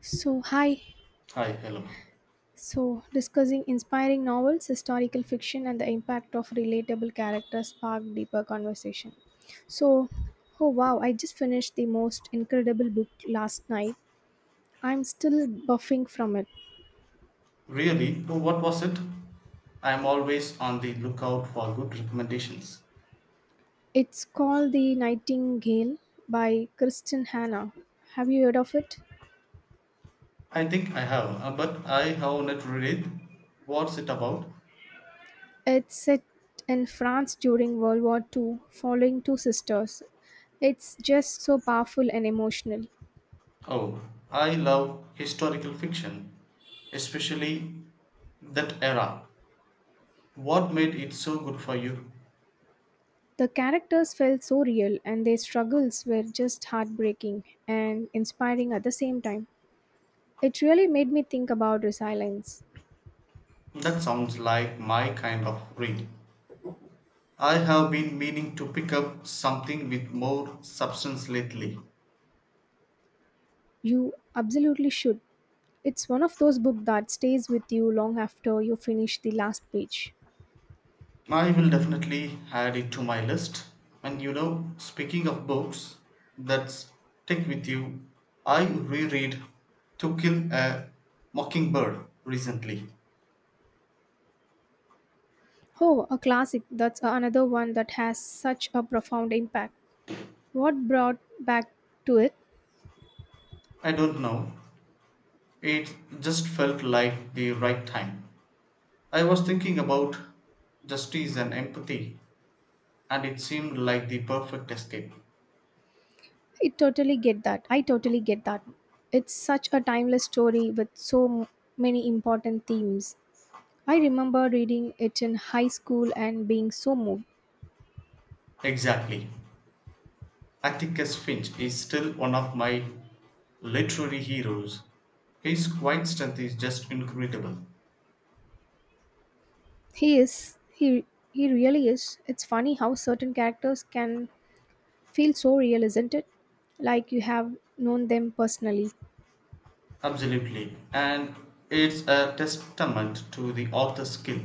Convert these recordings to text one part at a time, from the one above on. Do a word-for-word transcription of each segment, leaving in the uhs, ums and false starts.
So, hi. Hi, hello. So, discussing inspiring novels, historical fiction, and the impact of relatable characters sparked deeper conversation. So, oh wow, I just finished the most incredible book last night. I'm still buffing from it. Really? Oh, what was it? I am always on the lookout for good recommendations. It's called The Nightingale by Kristen Hannah. Have you heard of it? I think I have, uh, but I have not read it. What's it about? It's set in France during World War two, following two sisters. It's just so powerful and emotional. Oh, I love historical fiction, especially that era. What made it so good for you? The characters felt so real, and their struggles were just heartbreaking and inspiring at the same time. It really made me think about resilience. That sounds like my kind of read. I have been meaning to pick up something with more substance lately. You absolutely should. It's one of those books that stays with you long after you finish the last page. I will definitely add it to my list. And you know, speaking of books that stick with you, I reread To Kill a Mockingbird recently. Oh, a classic. That's another one that has such a profound impact. What brought back to it? I don't know, it just felt like the right time. I was thinking about justice and empathy, and it seemed like the perfect escape. I totally get that. I totally get that. It's such a timeless story with so m- many important themes. I remember reading it in high school and being so moved. Exactly. Atticus Finch is still one of my literary heroes. His quiet strength is just incredible. He is, he, he really is. It's funny how certain characters can feel so real, isn't it? Like you have known them personally. Absolutely. And it's a testament to the author's skill.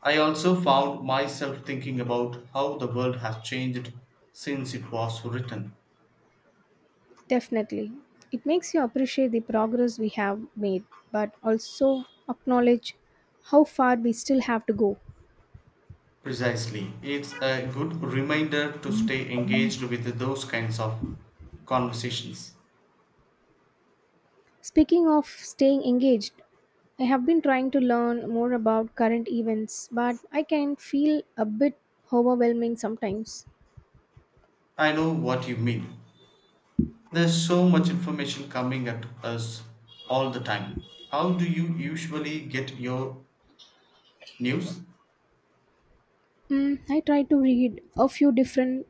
I also found myself thinking about how the world has changed since it was written. Definitely. It makes you appreciate the progress we have made, but also acknowledge how far we still have to go. Precisely. It's a good reminder to stay engaged with those kinds of conversations. Speaking of staying engaged, I have been trying to learn more about current events, but I can feel a bit overwhelming sometimes. I know what you mean. There's so much information coming at us all the time. How do you usually get your news? Mm, I try to read a few different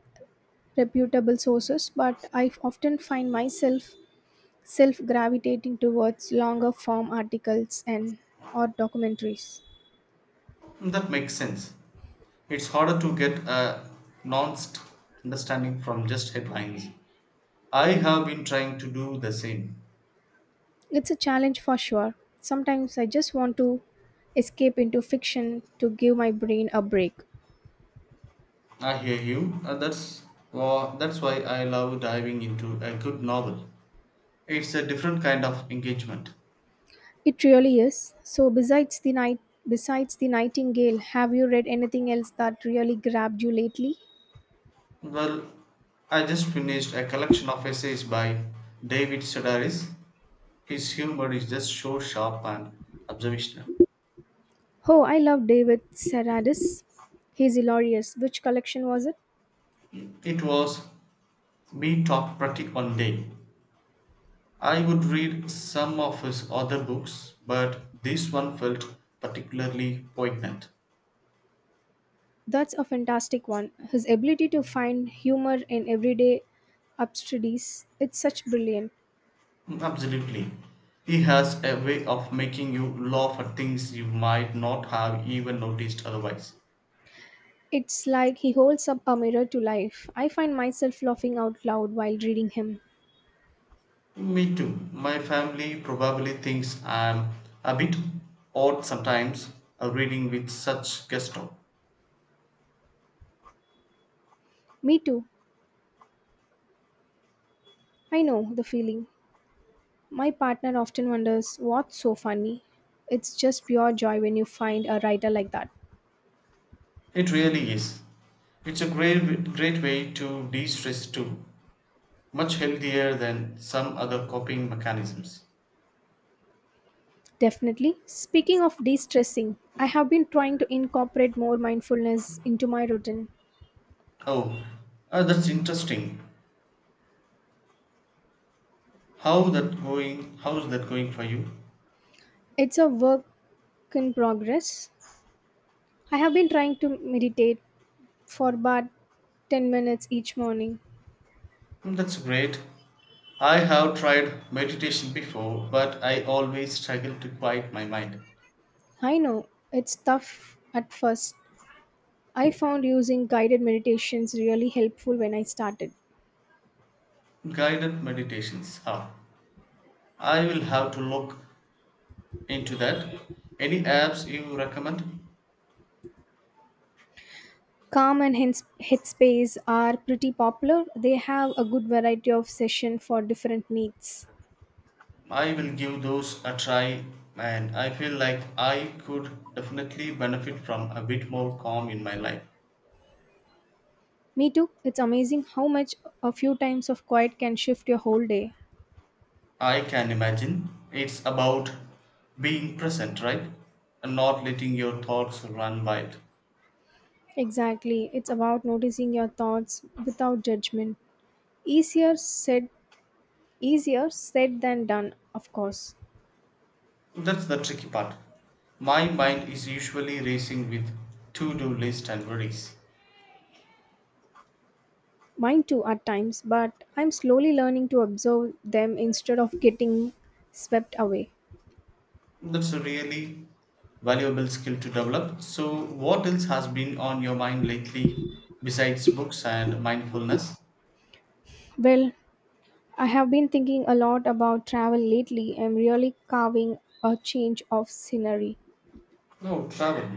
reputable sources, but I often find myself self gravitating towards longer form articles and or documentaries. That makes sense. It's harder to get a nuanced understanding from just headlines. I have been trying to do the same. It's a challenge for sure. Sometimes I just want to escape into fiction to give my brain a break. I hear you. Uh, that's wha- that's why I love diving into a good novel. It's a different kind of engagement. It really is. So besides the night besides the Nightingale, have you read anything else that really grabbed you lately? Well, I just finished a collection of essays by David Sedaris. His humor is just so sharp and observational. Oh, I love David Seradis. He's hilarious. Which collection was it? It was me talk pratik one day. I would read some of his other books, but this one felt particularly poignant. That's a fantastic one. His ability to find humor in everyday absurdities, it's such brilliant. Mm, absolutely. He has a way of making you laugh at things you might not have even noticed otherwise. It's like he holds up a mirror to life. I find myself laughing out loud while reading him. Me too. My family probably thinks I'm a bit odd sometimes, uh, reading with such gusto. Me too. I know the feeling. My partner often wonders what's so funny. It's just pure joy when you find a writer like that. It really is. It's a great great way to de-stress too. Much healthier than some other coping mechanisms. Definitely. Speaking of de stressing, I have been trying to incorporate more mindfulness into my routine. Oh, uh, that's interesting. How that going? How's that going for you? It's a work in progress, I have been trying to meditate for about ten minutes each morning. Hmm, that's great. I have tried meditation before, but I always struggle to quiet my mind. I know it's tough at first. I found using guided meditations really helpful when I started. Guided meditations, huh? I will have to look into that. Any apps you recommend? Calm and Hins- Headspace are pretty popular. They have a good variety of sessions for different needs. I will give those a try, and I feel like I could definitely benefit from a bit more calm in my life. Me too. It's amazing how much a few times of quiet can shift your whole day. I can imagine it's about being present, right? And not letting your thoughts run wild. Exactly. It's about noticing your thoughts without judgment. Easier said Easier said than done, of course. That's the tricky part. My mind is usually racing with to do list and worries. Mine too at times, but I'm slowly learning to observe them instead of getting swept away. That's a really valuable skill to develop. So, what else has been on your mind lately besides books and mindfulness? Well, I have been thinking a lot about travel lately. I'm really carving a change of scenery. No, travel.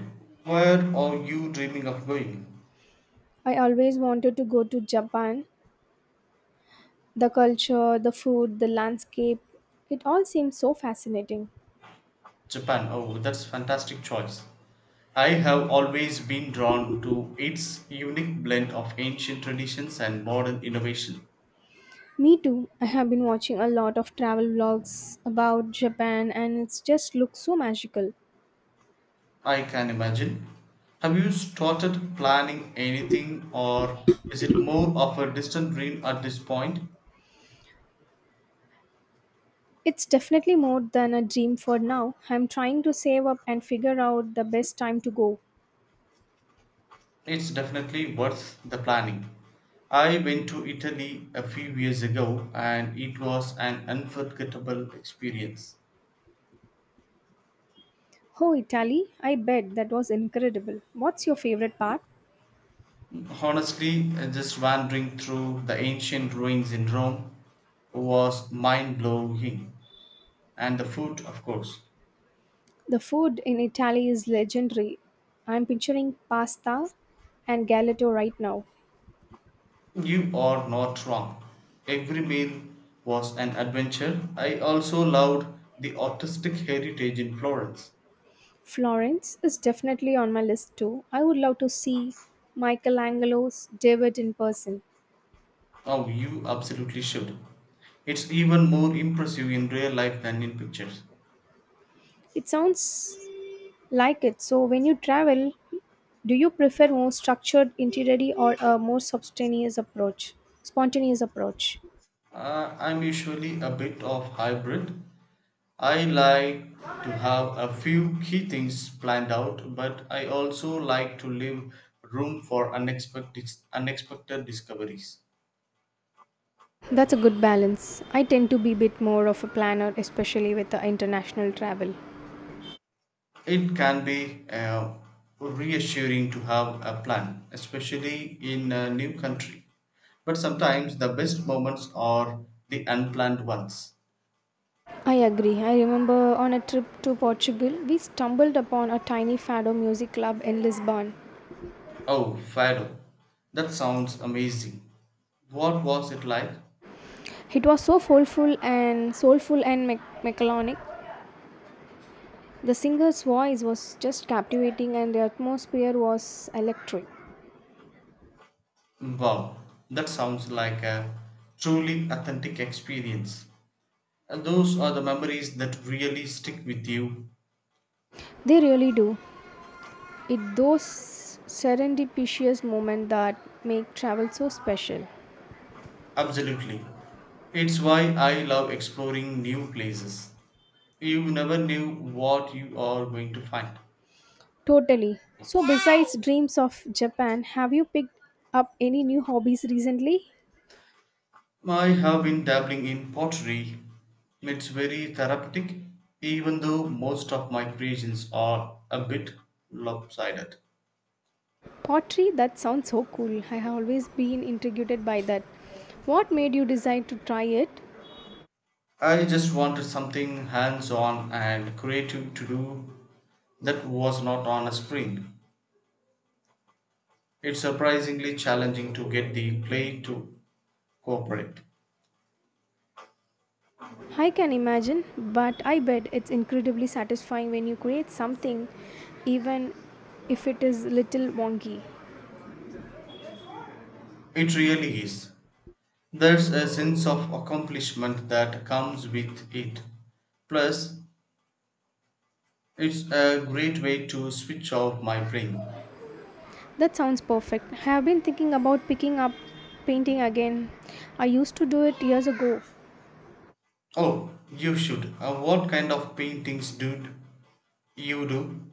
Where are you dreaming of going? I always wanted to go to Japan. The culture, the food, the landscape, it all seems so fascinating. Japan. Oh, that's fantastic choice. I have always been drawn to its unique blend of ancient traditions and modern innovation. Me too. I have been watching a lot of travel vlogs about Japan and it just looks so magical. I can imagine. Have you started planning anything or is it more of a distant dream at this point? It's definitely more than a dream for now. I'm trying to save up and figure out the best time to go. It's definitely worth the planning. I went to Italy a few years ago and it was an unforgettable experience. Oh, Italy, I bet that was incredible. What's your favorite part? Honestly, uh, just wandering through the ancient ruins in Rome was mind blowing. And the food, of course. The food in Italy is legendary. I'm picturing pasta and gelato right now. You are not wrong. Every meal was an adventure. I also loved the artistic heritage in Florence. Florence is definitely on my list too. I would love to see Michelangelo's David in person. Oh, you absolutely should. It's even more impressive in real life than in pictures. It sounds like it. So, when you travel, do you prefer more structured itinerary or a more spontaneous approach? Spontaneous approach. Uh, I'm usually a bit of hybrid. I like to have a few key things planned out, but I also like to leave room for unexpected unexpected discoveries. That's a good balance. I tend to be a bit more of a planner, especially with the international travel. It can be uh, reassuring to have a plan, especially in a new country. But sometimes the best moments are the unplanned ones. I agree. I remember on a trip to Portugal, we stumbled upon a tiny fado music club in Lisbon. Oh, Fado, that sounds amazing. What was it like? It was so soulful and soulful and me- melancholic. The singer's voice was just captivating, and the atmosphere was electric. Wow, that sounds like a truly authentic experience. And those are the memories that really stick with you. They really do. It's those serendipitous moments that make travel so special. Absolutely. It's why I love exploring new places. You never knew what you are going to find. Totally. So, besides dreams of Japan, have you picked up any new hobbies recently? I have been dabbling in pottery. It's very therapeutic, even though most of my creations are a bit lopsided. Pottery, that sounds so cool. I have always been intrigued by that. What made you decide to try it? I just wanted something hands on and creative to do that was not on a screen. It's surprisingly challenging to get the clay to cooperate. I can imagine, but I bet it's incredibly satisfying when you create something, even if it is little wonky. It really is. There's a sense of accomplishment that comes with it. Plus, it's a great way to switch off my brain. That sounds perfect. I have been thinking about picking up painting again. I used to do it years ago. Oh, you should. Uh, what kind of paintings do you do?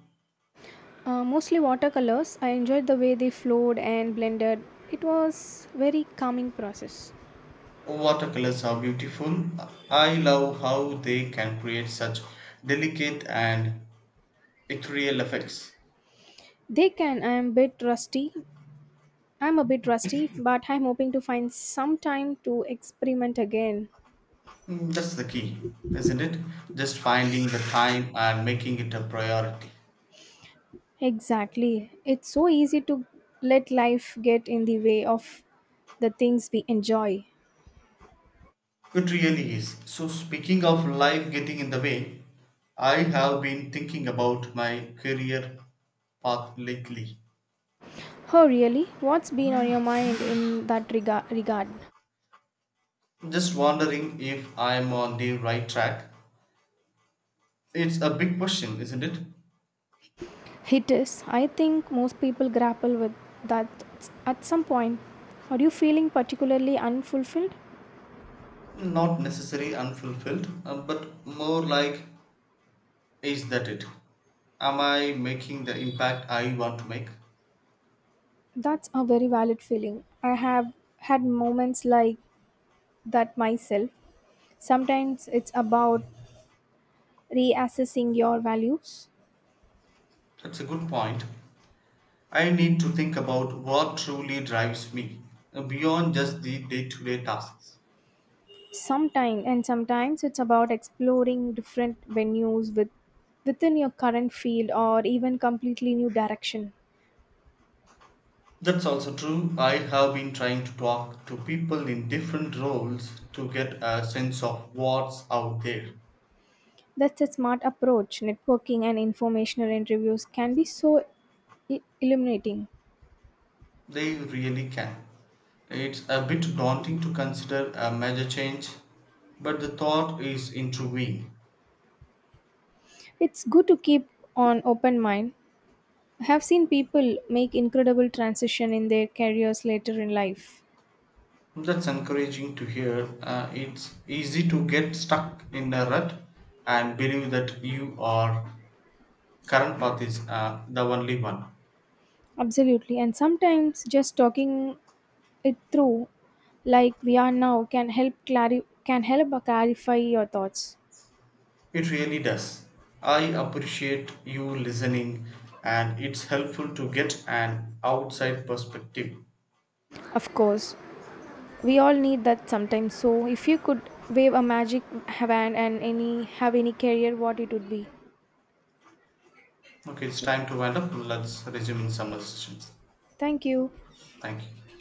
Uh, mostly watercolors. I enjoyed the way they flowed and blended. It was very calming process. Watercolors are beautiful. I love how they can create such delicate and ethereal effects. They can. I am a bit rusty. I'm a bit rusty, but I'm hoping to find some time to experiment again. Mm, that's the key, isn't it? Just finding the time and making it a priority. Exactly. It's so easy to let life get in the way of the things we enjoy. It really is. So, speaking of life getting in the way, I have been thinking about my career path lately. Oh, really? What's been on your mind in that rega- regard? Just wondering if I'm on the right track. It's a big question, isn't it? It is. I think most people grapple with that at some point. Are you feeling particularly unfulfilled? Not necessarily unfulfilled, uh, but more like, is that it? Am I making the impact I want to make? That's a very valid feeling. I have had moments like that myself. Sometimes it's about reassessing your values. That's a good point. I need to think about what truly drives me, uh, beyond just the day to day tasks. Sometimes and sometimes it's about exploring different venues with within your current field or even completely new direction. That's also true. I have been trying to talk to people in different roles to get a sense of what's out there. That's a smart approach. Networking and informational interviews can be so i- illuminating. They really can. It's a bit daunting to consider a major change, but the thought is intriguing. It's good to keep an open mind. I have seen people make incredible transition in their careers later in life. That's encouraging to hear. Uh, it's easy to get stuck in a rut and believe that your current path is, uh, the only one. Absolutely. And sometimes just talking it through like we are now can help clari- can help clarify your thoughts. It really does. I appreciate you listening, and it's helpful to get an outside perspective. Of course, we all need that sometimes. So if you could wave a magic wand and any have any career what it would be. Okay, it's So time to wind up. Let's resume in summer. thank you. Thank you.